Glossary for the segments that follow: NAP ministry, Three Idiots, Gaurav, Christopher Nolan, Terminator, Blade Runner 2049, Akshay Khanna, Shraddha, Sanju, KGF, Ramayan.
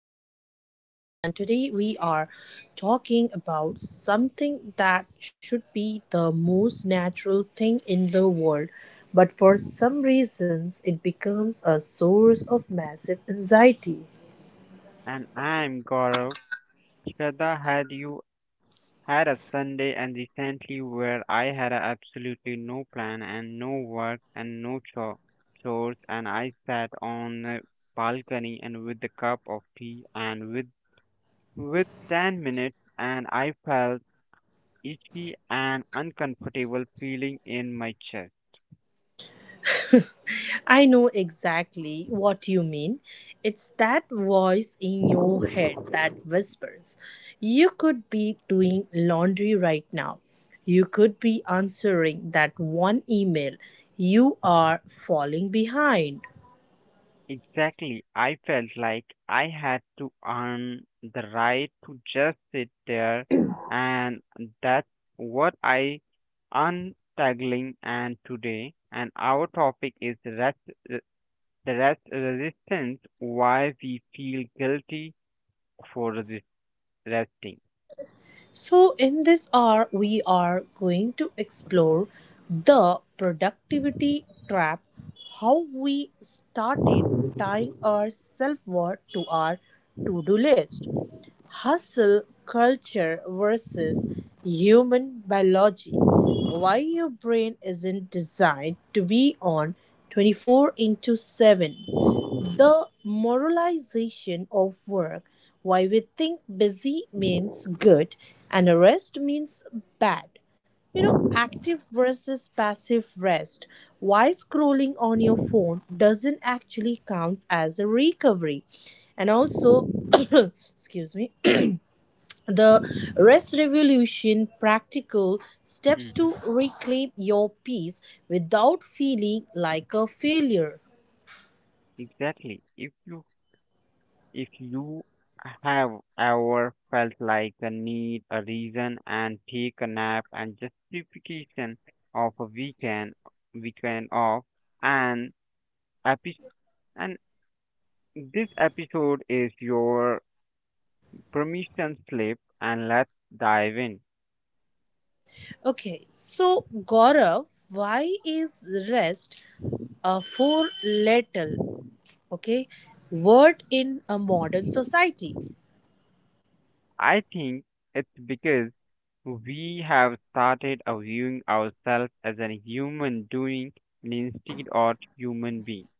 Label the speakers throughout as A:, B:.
A: am Shraddha, and today we are talking about something that should be the most natural thing in the world, but for some reasons, it becomes a source of massive anxiety.
B: And I'm Gaurav. Shraddha, had you had a Sunday and recently where I had a absolutely no plan and no work and no cho- chores, and I sat on the balcony and with a cup of tea and with 10 minutes, and I felt itchy and uncomfortable feeling in my chest.
A: I know exactly what you mean. It's that voice in your head that whispers. You could be doing laundry right now. You could be answering that one email. You are falling behind.
B: Exactly. I felt like I had to earn the right to just sit there, and that's what I untangling. And today, and our topic is re- the rest resistance. Why we feel guilty for resting.
A: So, in this hour, we are going to explore the productivity trap, how we started tying our self worth to our to do list, Hustle Culture versus Human Biology: Why Your Brain Isn't Designed to Be on 24 into 7, The Moralization of Work: Why We Think Busy Means Good and Rest Means Bad, active versus passive rest, why scrolling on your phone doesn't actually count as a recovery, and also excuse me, the rest revolution, practical steps to
B: Mhm.
A: reclaim your peace without feeling like a failure.
B: Exactly. If you have ever felt like a need, a reason, and take a nap and justification of a weekend off, and epi- and this episode is your permission slip, and let's dive in.
A: Okay, so Gaurav, why is rest a four letter okay word in a modern society?
B: I think it's because we have started viewing ourselves as a human doing and instead of human being.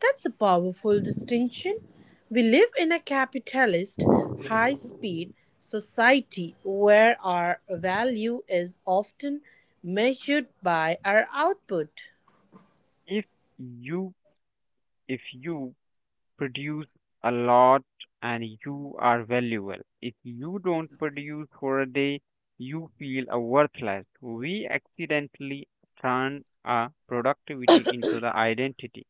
A: That's a powerful distinction. We live in a capitalist, high speed society where our value is often measured by our output.
B: If you if you produce a lot and you are valuable. If you don't produce for a day, you feel a worthless. We accidentally turn a productivity into the identity.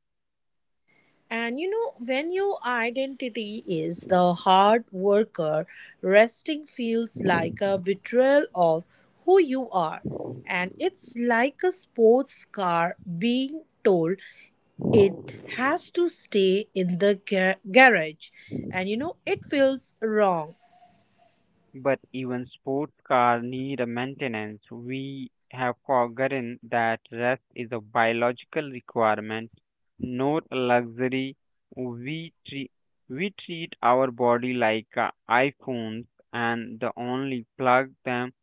A: And when your identity is the hard worker, resting feels like a betrayal of who you are. And it's like a sports car being told it has to stay in the garage, and it feels wrong.
B: But even sports car need a maintenance. We have forgotten that rest is a biological requirement, not a luxury. We treat we treat our body like iPhones and the only plug them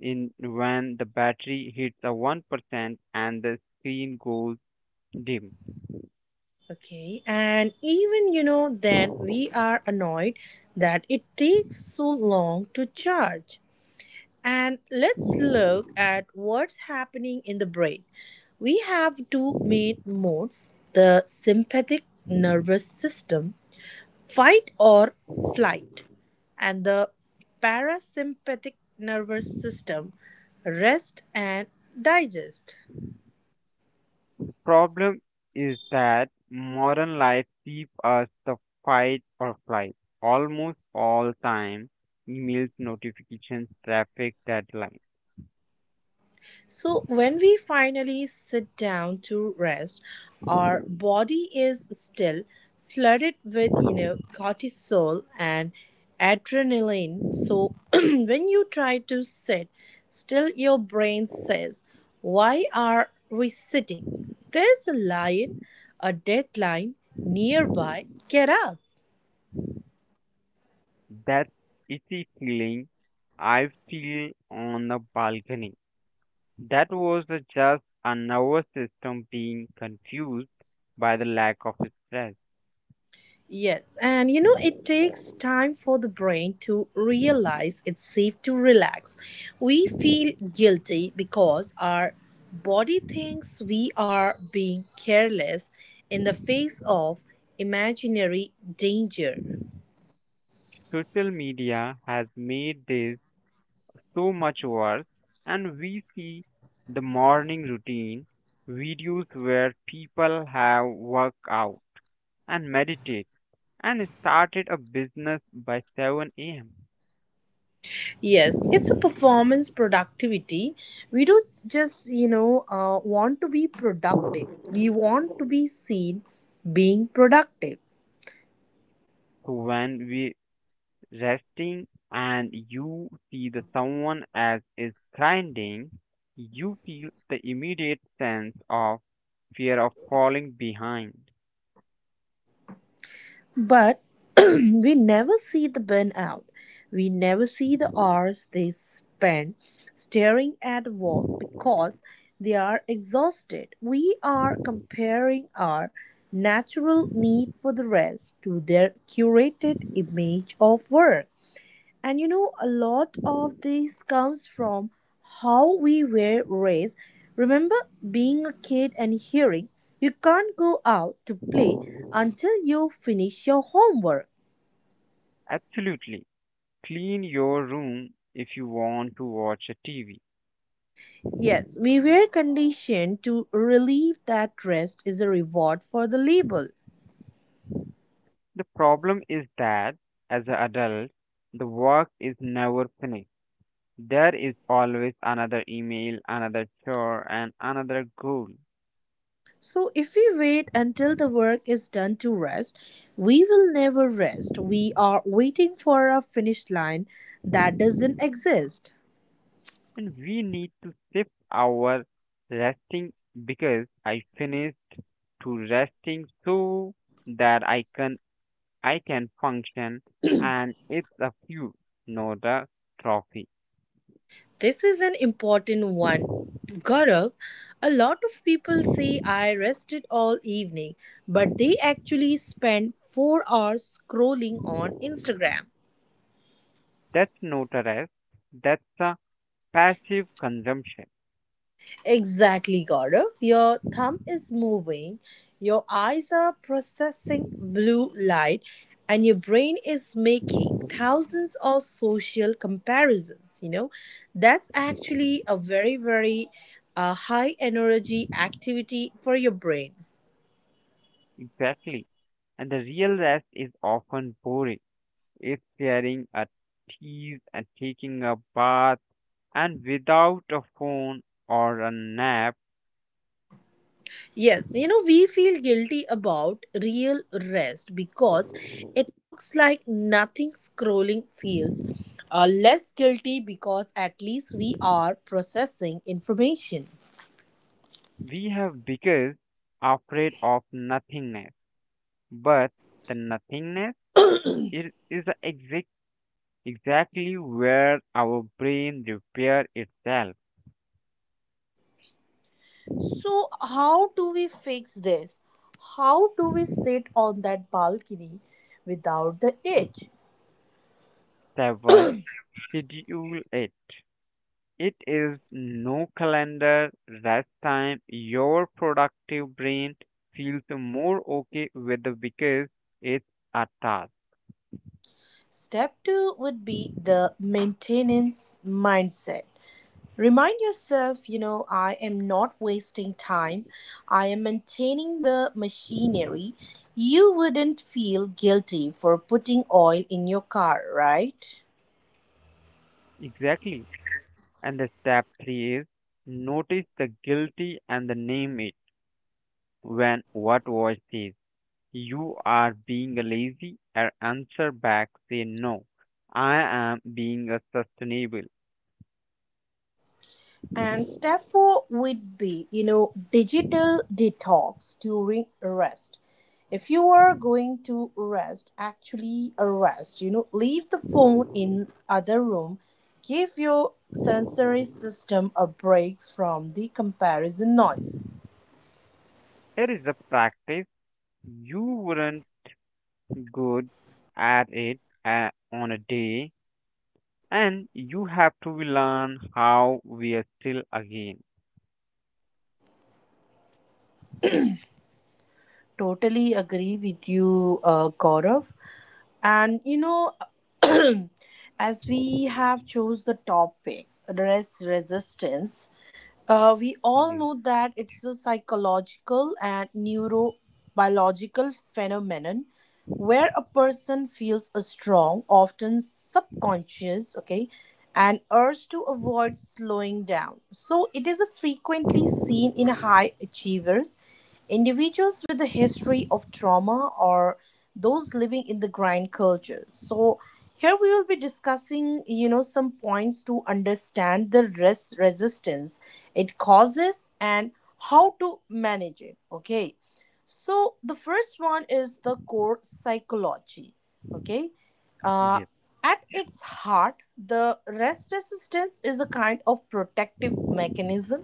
B: in when the battery hits a 1% and the screen goes dim. The
A: Okay, and even then we are annoyed that it takes so long to charge. And let's look at what's happening in the brain. We have two main modes: the sympathetic nervous system, fight or flight, and the parasympathetic nervous system, rest and digest.
B: problem is that modern life keeps us the fight or flight almost all time. Emails, notifications, traffic, deadlines.
A: So, when we finally sit down to rest, our body is still flooded with, cortisol and adrenaline. So, when you try to sit still, your brain says, why are we sitting? There is a lion, a deadline nearby. Get up.
B: That itchy feeling I feel on the balcony. That was the just a nervous system being confused by the lack of stress.
A: Yes, and it takes time for the brain to realize it's safe to relax. We feel guilty because our body thinks we are being careless in the face of imaginary danger.
B: Social media has made this so much worse. And we see the morning routine videos where people have worked out and meditate and started a business by 7 a.m.
A: Yes, it's a performance productivity. We don't just, want to be productive, we want to be seen being productive.
B: So when we resting and you see the someone as is grinding, you feel the immediate sense of fear of falling behind.
A: But we never see the burnout. We never see the hours they spend staring at a wall because they are exhausted. We are comparing our natural need for the rest to their curated image of work. And a lot of this comes from how we were raised. Remember being a kid and hearing, you can't go out to play until you finish your homework.
B: Absolutely. Clean your room if you want to watch a TV.
A: Yes, we were conditioned to relieve that rest is a reward for the label.
B: The problem is that as an adult, the work is never finished. There is always another email, another chore, and another goal.
A: So if we wait until the work is done to rest, we will never rest. We are waiting for a finish line that doesn't exist.
B: And we need to shift our resting because I finished to resting so that I can function, and it's a few, not a trophy.
A: This is an important one. Gaurav, a lot of people say I rested all evening, but they actually spend 4 hours scrolling on Instagram.
B: That's not a rest, that's a passive consumption.
A: Exactly, Gaurav. Your thumb is moving, your eyes are processing blue light, and your brain is making thousands of social comparisons. That's actually a very, very high energy activity for your brain.
B: Exactly. And the real rest is often boring. It's sharing a tease and taking a bath and without a phone or a nap.
A: Yes, we feel guilty about real rest because it looks like nothing. Scrolling feels less guilty because at least we are processing information.
B: We have because afraid of nothingness. But the nothingness is the exactly where our brain repair itself.
A: So, how do we fix this? How do we sit on that balcony without the edge?
B: Seven, schedule it. It is no calendar rest time. Your productive brain feels more okay with the because it's a task.
A: Step two would be the maintenance mindset. Remind yourself, I am not wasting time. I am maintaining the machinery. You wouldn't feel guilty for putting oil in your car, right?
B: Exactly. And the step three is notice the guilty and the name it when what voice says you are being lazy or answer back say no. I am being a sustainable.
A: And step four would be, digital detox during rest. If you are going to rest, actually rest, leave the phone in other room. Give your sensory system a break from the comparison noise.
B: It is a practice you weren't good at it on a day, and you have to learn how we are still again.
A: Totally agree with you, Gaurav. And as we have chose the topic, rest resistance, we all
B: Yes,
A: know that it's a psychological and neurobiological phenomenon where a person feels a strong, often subconscious, and urge to avoid slowing down. So it is a frequently seen in high achievers, individuals with a history of trauma, or those living in the grind culture. So here we will be discussing, some points to understand the resistance it causes and how to manage it. Okay. So the first one is the core psychology. Okay, uh,
B: yes,
A: at its heart, the rest resistance is a kind of protective mechanism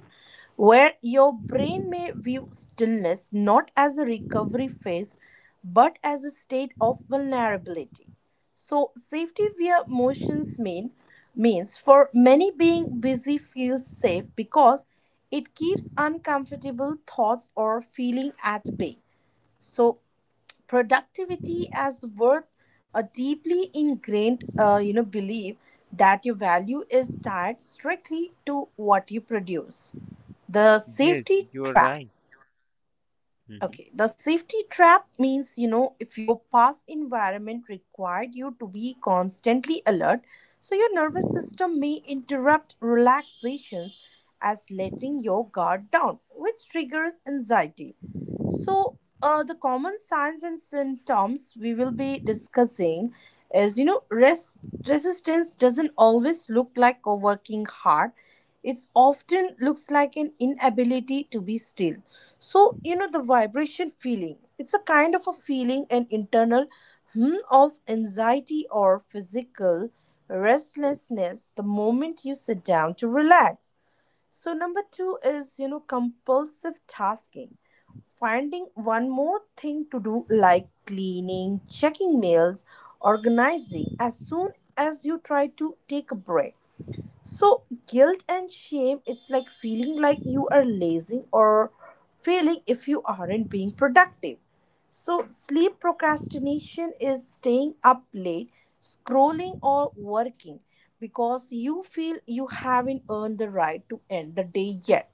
A: where your brain may view stillness not as a recovery phase but as a state of vulnerability. So safety via motions means, for many, being busy feels safe because it keeps uncomfortable thoughts or feeling at bay. So productivity as worth, a deeply ingrained, belief that your value is tied strictly to what you produce. The
B: yes,
A: safety
B: you're
A: trap.
B: right. Mhm.
A: Okay, the safety trap means, if your past environment required you to be constantly alert, so your nervous system may interrupt relaxations as letting your guard down, which triggers anxiety. So, the common signs and symptoms we will be discussing is, rest resistance doesn't always look like a working hard. It's often looks like an inability to be still. So, the vibration feeling, it's a kind of a feeling, an internal of anxiety or physical restlessness the moment you sit down to relax. So, number two is, compulsive tasking. Finding one more thing to do, like cleaning, checking mails, organizing, as soon as you try to take a break. So guilt and shame, it's like feeling like you are lazy or failing if you aren't being productive. So sleep procrastination is staying up late, scrolling or working because you feel you haven't earned the right to end the day yet.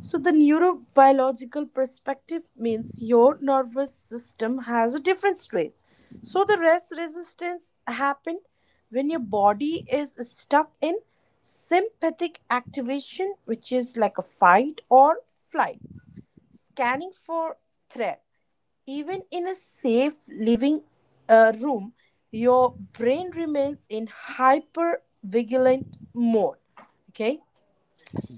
A: So, the neurobiological perspective means your nervous system has a different strength. So, the rest resistance happen when your body is stuck in sympathetic activation, which is like a fight or flight, scanning for threat. Even in a safe living room, your brain remains in hyper vigilant mode. Okay.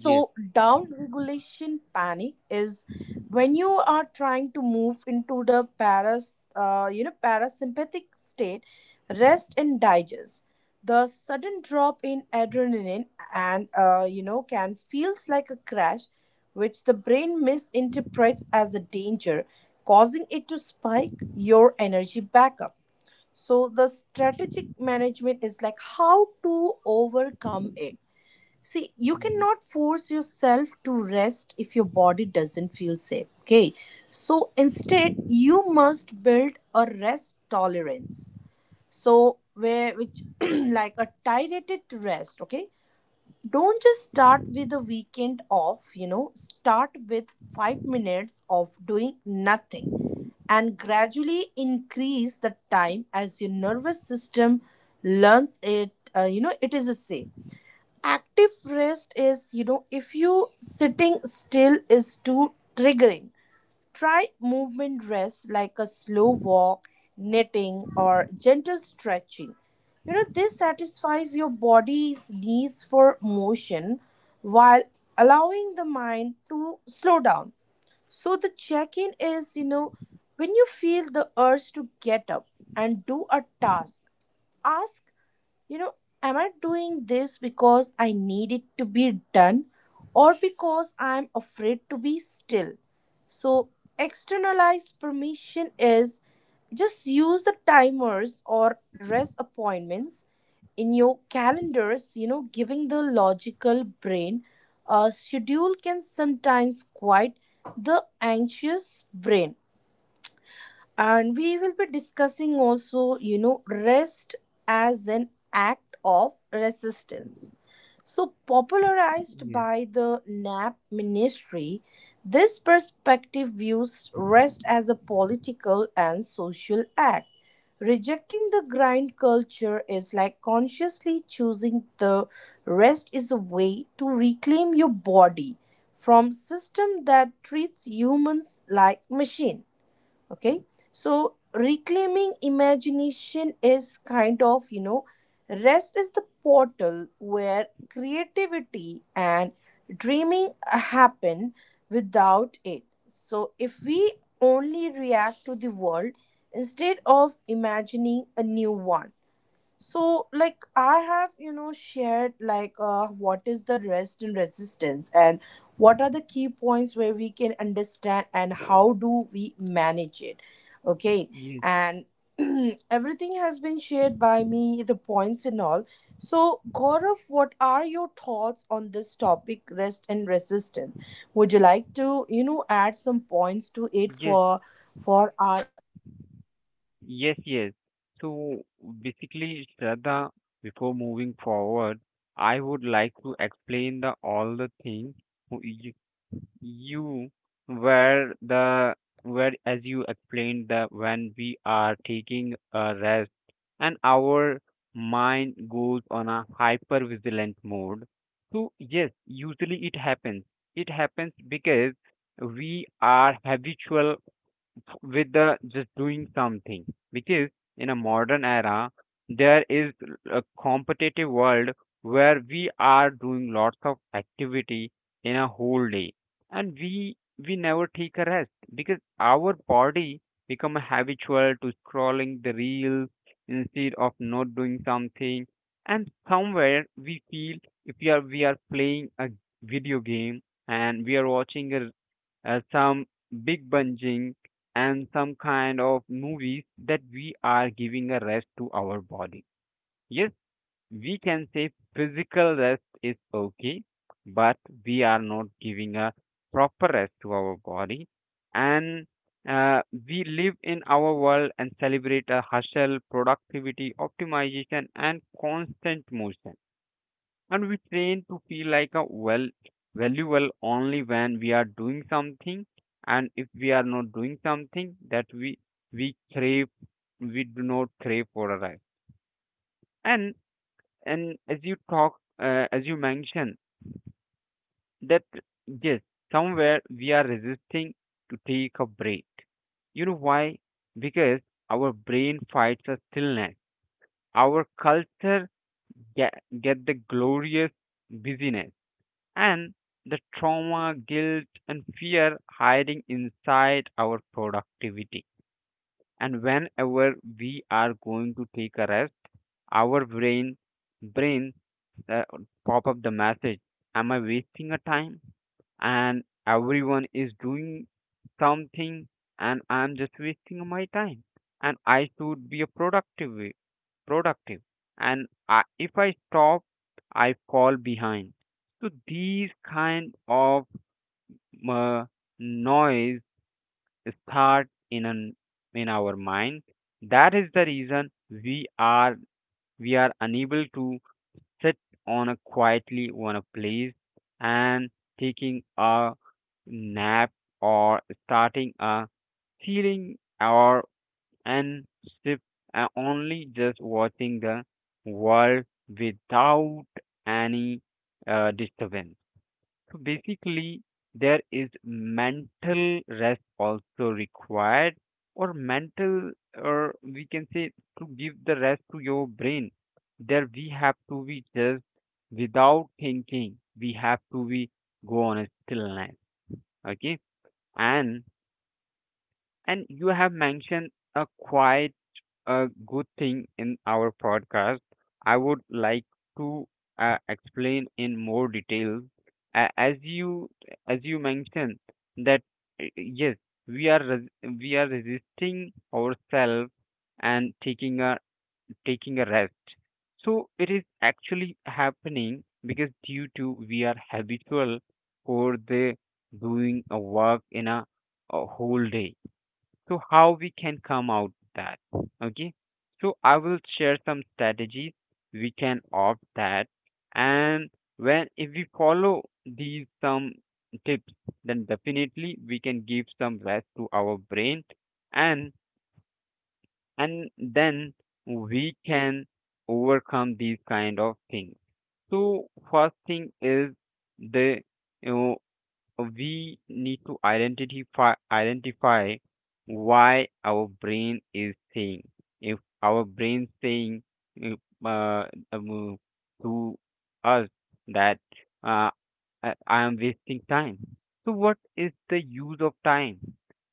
B: Yes,
A: down regulation panic is when you are trying to move into the parasympathetic state, rest and digest. The sudden drop in adrenaline and can feels like a crash, which the brain misinterprets as a danger, causing it to spike your energy back up. So the strategic management is like how to overcome it. See, you
B: mhm.
A: cannot force yourself to rest if your body doesn't feel safe. Okay. So instead, you must build a rest tolerance. So, like a targeted rest. Okay. Don't just start with a weekend off, start with 5 minutes of doing nothing and gradually increase the time as your nervous system learns it. It is a safe active rest is, if you sitting still is too triggering, try movement rest like a slow walk, knitting or gentle stretching. This satisfies your body's needs for motion while allowing the mind to slow down. So the check in is, when you feel the urge to get up and do a task, ask, you know, am I doing this because I need it to be done or because I'm afraid to be still? So, externalized permission is just use the timers or rest appointments in your calendars. Giving the logical brain a schedule can sometimes quite the anxious brain. And we will be discussing also, rest as an act of resistance. So, popularized
B: yes,
A: by the NAP ministry, this perspective views rest as a political and social act. Rejecting the grind culture is like consciously choosing the rest is a way to reclaim your body from system that treats humans like machine. Okay. So reclaiming imagination is kind of, rest is the portal where creativity and dreaming happen without it. So if we only react to the world instead of imagining a new one. So, like, I have, shared, like, what is the rest and resistance and what are the key points where we can understand and how do we manage it. Okay.
B: yes,
A: And everything has been shared by me, the points and all. So, Gaurav, what are your thoughts on this topic, rest and resistance? Would you like to, add some points to it
B: yes,
A: for our audience?
B: yes. So basically, Shraddha, before moving forward, I would like to explain the all the things you were the where as you explained that when we are taking a rest and our mind goes on a hyper vigilant mode, so yes usually it happens because we are habitual with the just doing something, because in a modern era there is a competitive world where we are doing lots of activity in a whole day, and we never take a rest because our body become habitual to scrolling the reels instead of not doing something, and somewhere we feel if we are playing a video game and we are watching a some big binging, and some kind of movies that we are giving a rest to our body. Yes, we can say physical rest is okay, but we are not giving a proper rest to our body. And we live in our world and celebrate a hustle, productivity, optimization, and constant motion, and we train to feel like a well valuable only when we are doing something, and if we are not doing something that we crave. We do not crave for a life. And and as you talk as you mentioned that yes somewhere we are resisting to take a break. You know why? Because our brain fights a stillness, our culture get, get the glorious busyness and the trauma, guilt, and fear hiding inside our productivity. And whenever we are going to take a rest, our brain uh, pop up the message: "Am I wasting a time? And everyone is doing something, and I'm just wasting my time, and I should be a productive, and I, if I stop I fall behind." So these kind of uh, noise start in our mind. That is the reason we are unable to sit on a quietly on a place and taking a nap or starting a feeling or and sip and only just watching the world without any disturbance. So basically, there is mental rest also required, or mental, or we can say to give the rest to your brain. There we have to be just without thinking. We have to be go on a stillness. Okay. and And you have mentioned a quite a good thing in our podcast. I would like to explain in more detail. A- as you as you mentioned that yes, we are resisting ourselves and taking a rest. So it is actually happening because due to we are habitual for the doing a work in a whole day. So how we can come out that? Okay, so I will share some strategies we can opt that, and when if we follow these some tips, then definitely we can give some rest to our brain, and and then we can overcome these kind of things. So first thing is the we need to identify why our brain is saying. If our brain saying if, uh, um, to us that uh, I am wasting time, so what is the use of time?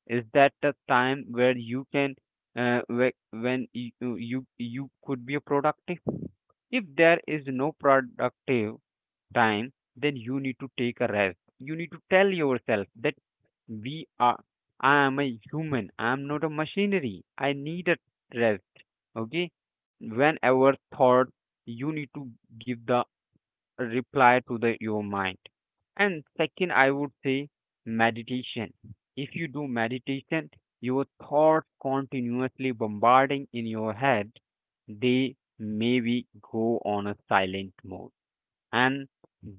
B: Is that the time where you can when you you could be a productive? If there is no productive time, then you need to take a rest. You need to tell yourself that we are, I am a human, I am not a machinery. I need a rest. Okay. Whenever thought, you need to give the reply to the your mind. And second, I would say meditation. If you do meditation, your thoughts continuously bombarding in your head, they maybe go on a silent mode, and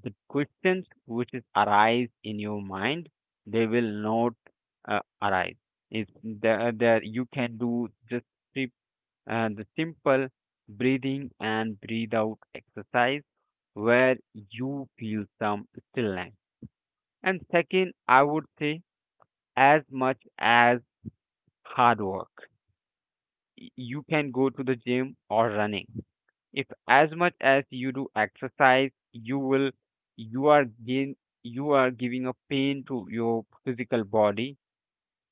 B: the questions which is arise in your mind, they will not arise. It's the, that you can do just sim- the simple breathing and breathe out exercise where you feel some stillness. And second I would say as much as hard work. You can go to the gym or running. If as much as you do exercise, you will you are gain you are giving a pain to your physical body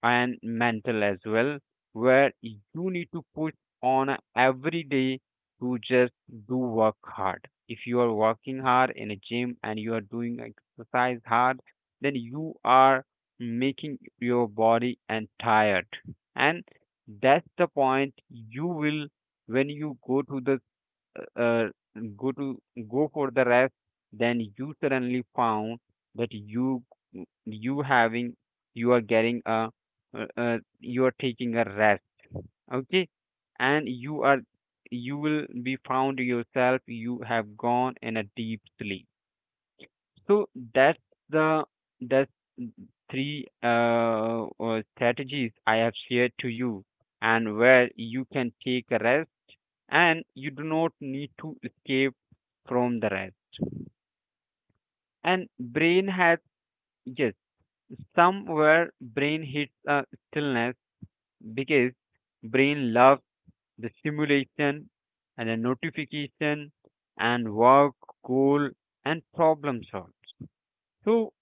B: and mental as well, where you need to push on a every day to just do work hard. If you are working hard in a gym and you are doing exercise hard, then you are making your body and tired, and that's the point you will when you go to the uh, go to go for the rest, then you suddenly found that you having you are getting a you are taking a rest, okay, and you are you will be found yourself you have gone in a deep sleep. So that's the that's three strategies I have shared to you, and where you can take a rest, and you do not need to escape from the rest. And brain has yes, somewhere brain hits a stillness because brain loves the stimulation and the notification and work, goal and problem solve. So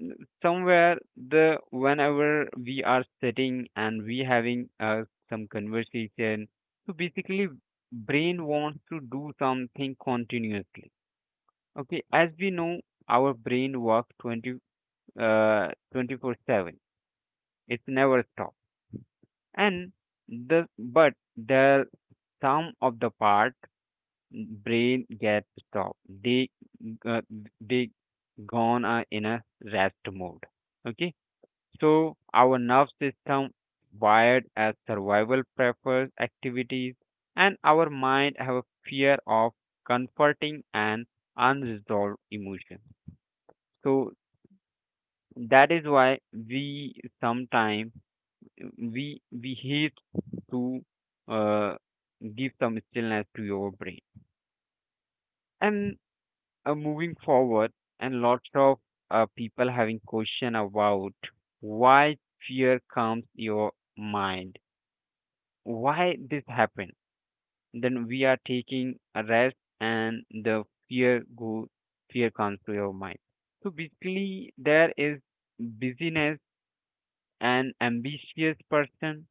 B: n- somewhere the whenever we are sitting and we having some conversation, so basically brain wants to do something continuously. Okay, as we know, our brain works 24/7. It's never stop. And the but the some of the part brain gets stopped. They uh, they gone are in a rest mode. Okay, so our nerve system wired as survival prefers activities, and our mind have a fear of comforting and unresolved emotions. So that is why we sometimes we hate to uh, give some stillness to your brain. And moving forward, and lots of people having question about why fear comes your mind, why this happen. Then we are taking a rest, and the fear go fear comes to your mind. So basically, there is busyness and ambitious person,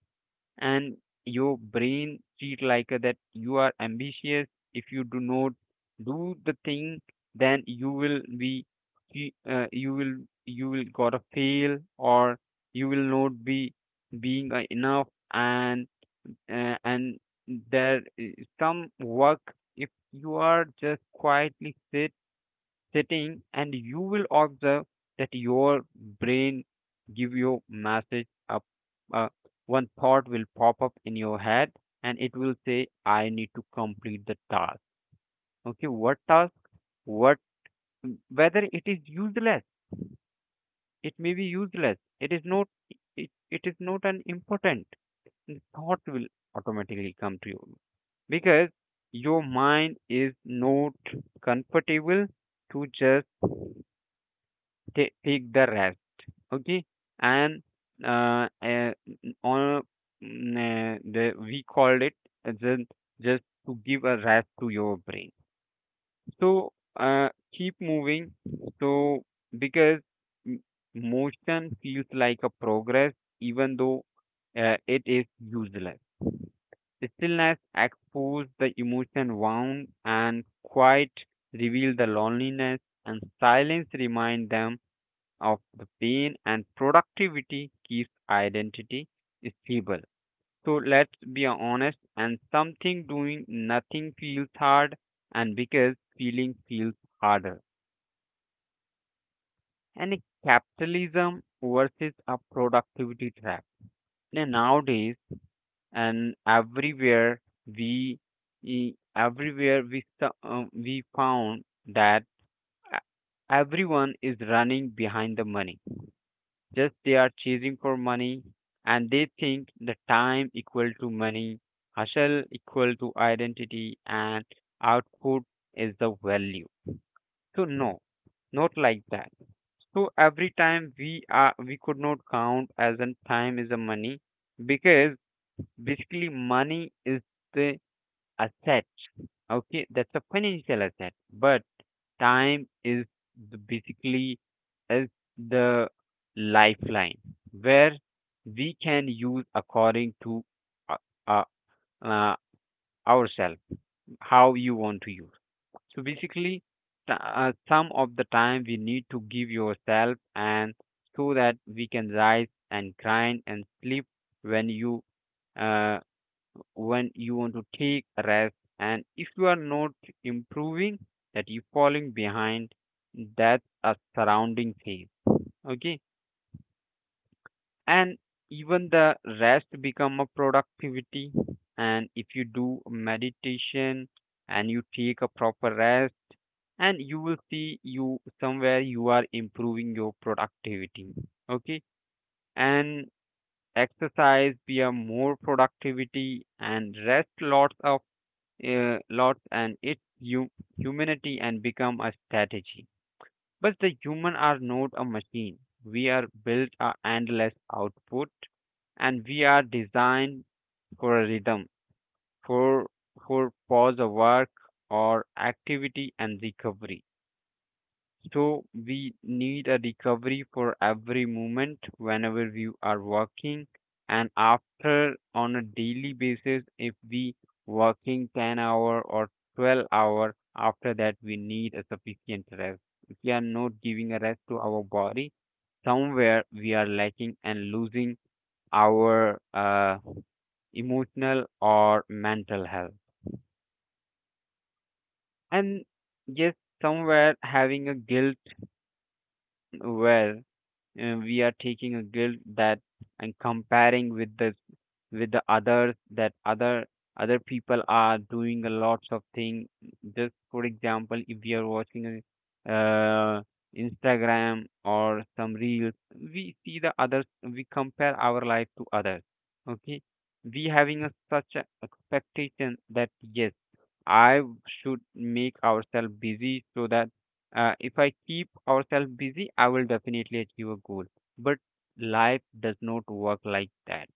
B: and your brain treat like that you are ambitious. If you do not do the thing, then you will be fe- uh, you will you will gotta fail, or you will not be being enough. And there is some work. If you are just quietly sit setting, and you will observe that your brain give you message up, uh, one thought will pop up in your head, and it will say, I need to complete the task. Okay, what task? What, whether it is useless, it may be useless, it is not, it is not an important thought, will automatically come to you, because your mind is not comfortable to just take the rest. Okay, and uh, uh, on the we called it as a, just to give a rest to your brain. So keep moving. So because m- motion feels like a progress, even though it is useless. Stillness expose the emotion wound, and quiet reveal the loneliness, and silence remind them of the pain, and productivity keeps identity stable. So let's be honest, and something doing nothing feels hard, and because feeling feels harder. And a capitalism versus a productivity trap. And nowadays and everywhere we everywhere we we found that e- everyone is running behind the money, just they are chasing for money, and they think the time equal to money, hustle equal to identity, and output is the value. So no, not like that. So every time we are, we could not count as an time is a money, because basically money is the asset. Okay, that's a financial asset, but time is the basically is the lifeline, where we can use according to uh, uh, uh, ourselves, how you want to use. So basically, some of the time we need to give yourself, and so that we can rise and grind and sleep when you uh, when you want to take a rest. And if you are not improving, that you falling behind, that's a surrounding phase. Okay, and even the rest become a productivity. And if you do meditation and you take a proper rest, and you will see you somewhere you are improving your productivity. Okay, and exercise be a more productivity, and rest lots of lots, and its humanity and become a strategy. But the human are not a machine. We are built a endless output, and we are designed for a rhythm, for for pause of work or activity and recovery. So we need a recovery for every moment whenever we are working, and after on a daily basis, if we working 10 hour or 12 hour, after that we need a sufficient rest. If we are not giving a rest to our body, somewhere we are lacking and losing our emotional or mental health. And yes, somewhere having a guilt, where we are taking a guilt that, and comparing with the others, that other other people are doing a lots of thing. Just for example, if we are watching a uh, Instagram or some reels, we see the others, we compare our life to others. Okay, we having a, such a expectation that, yes, I should make ourselves busy, so that if I keep ourselves busy, I will definitely achieve a goal. But life does not work like that.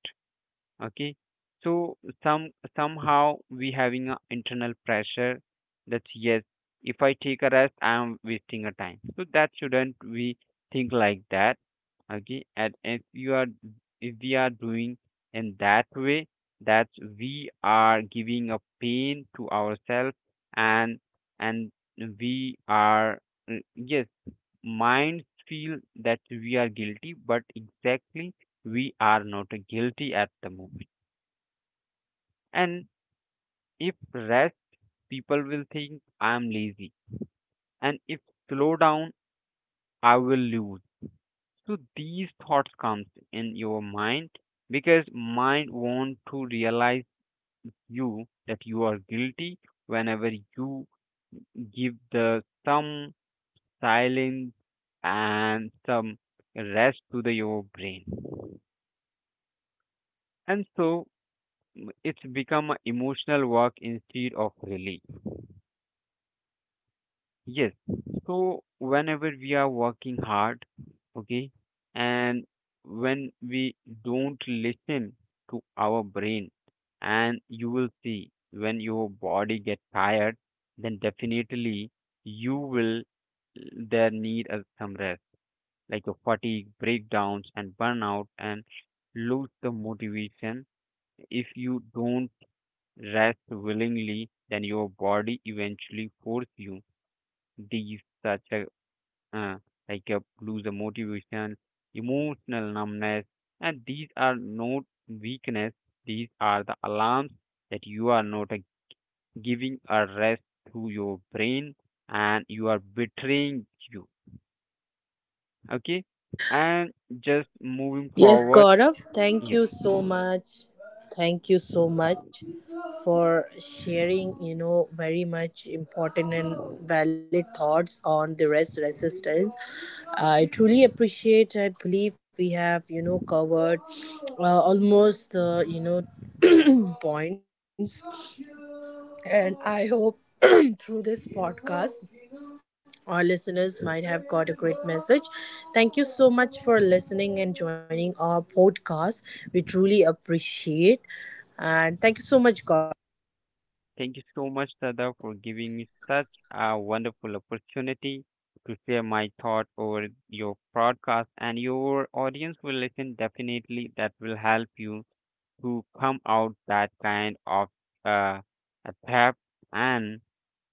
B: Okay, so some somehow we having a internal pressure that, yes, if I take a rest, I am wasting a time, so that shouldn't we think like that. Okay, and if you are, if we are doing in that way, that we are giving a pain to ourselves. And and we are yes, minds feel that we are guilty, but exactly we are not guilty at the moment. And if rest, people will think I am lazy, and if slow down, I will lose. So these thoughts comes in your mind, because mind want to realize you that you are guilty, whenever you give the some silence and some rest to the your brain. And so it's become a emotional work instead of relief. Yes. So whenever we are working hard, okay, and when we don't listen to our brain, and you will see, when your body gets tired, then definitely you will there need a some rest, like your fatigue, breakdowns, and burnout, and lose the motivation. If you don't rest willingly, then your body eventually force you. These such a uh, like lose the motivation, emotional numbness, and these are not weakness. These are the alarms that you are not giving a rest to your brain, and you are betraying you. Okay, and just moving
A: Yes,
B: forward.
A: Gaurav, thank
B: Yeah,
A: you so much. Thank you so much for sharing, very much important and valid thoughts on the rest resistance. I truly appreciate, I believe we have, covered almost the, points. And I hope through this podcast our listeners might have got a great message. Thank you so much for listening and joining our podcast. We truly appreciate. And thank you so much, Gaurav.
B: thank you so much, Sada, for giving me such a wonderful opportunity to share my thought over your podcast, and your audience will listen definitely, that will help you to come out that kind of uh, a theft. And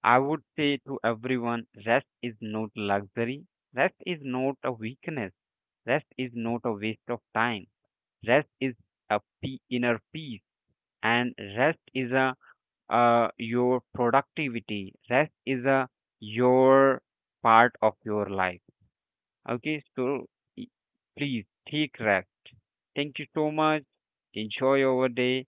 B: I would say to everyone, rest is not luxury. Rest is not a weakness. Rest is not a waste of time. Rest is a inner peace, and rest is a your productivity. Rest is a your part of your life. Okay, so e- please take rest. Thank you so much. Enjoy your day.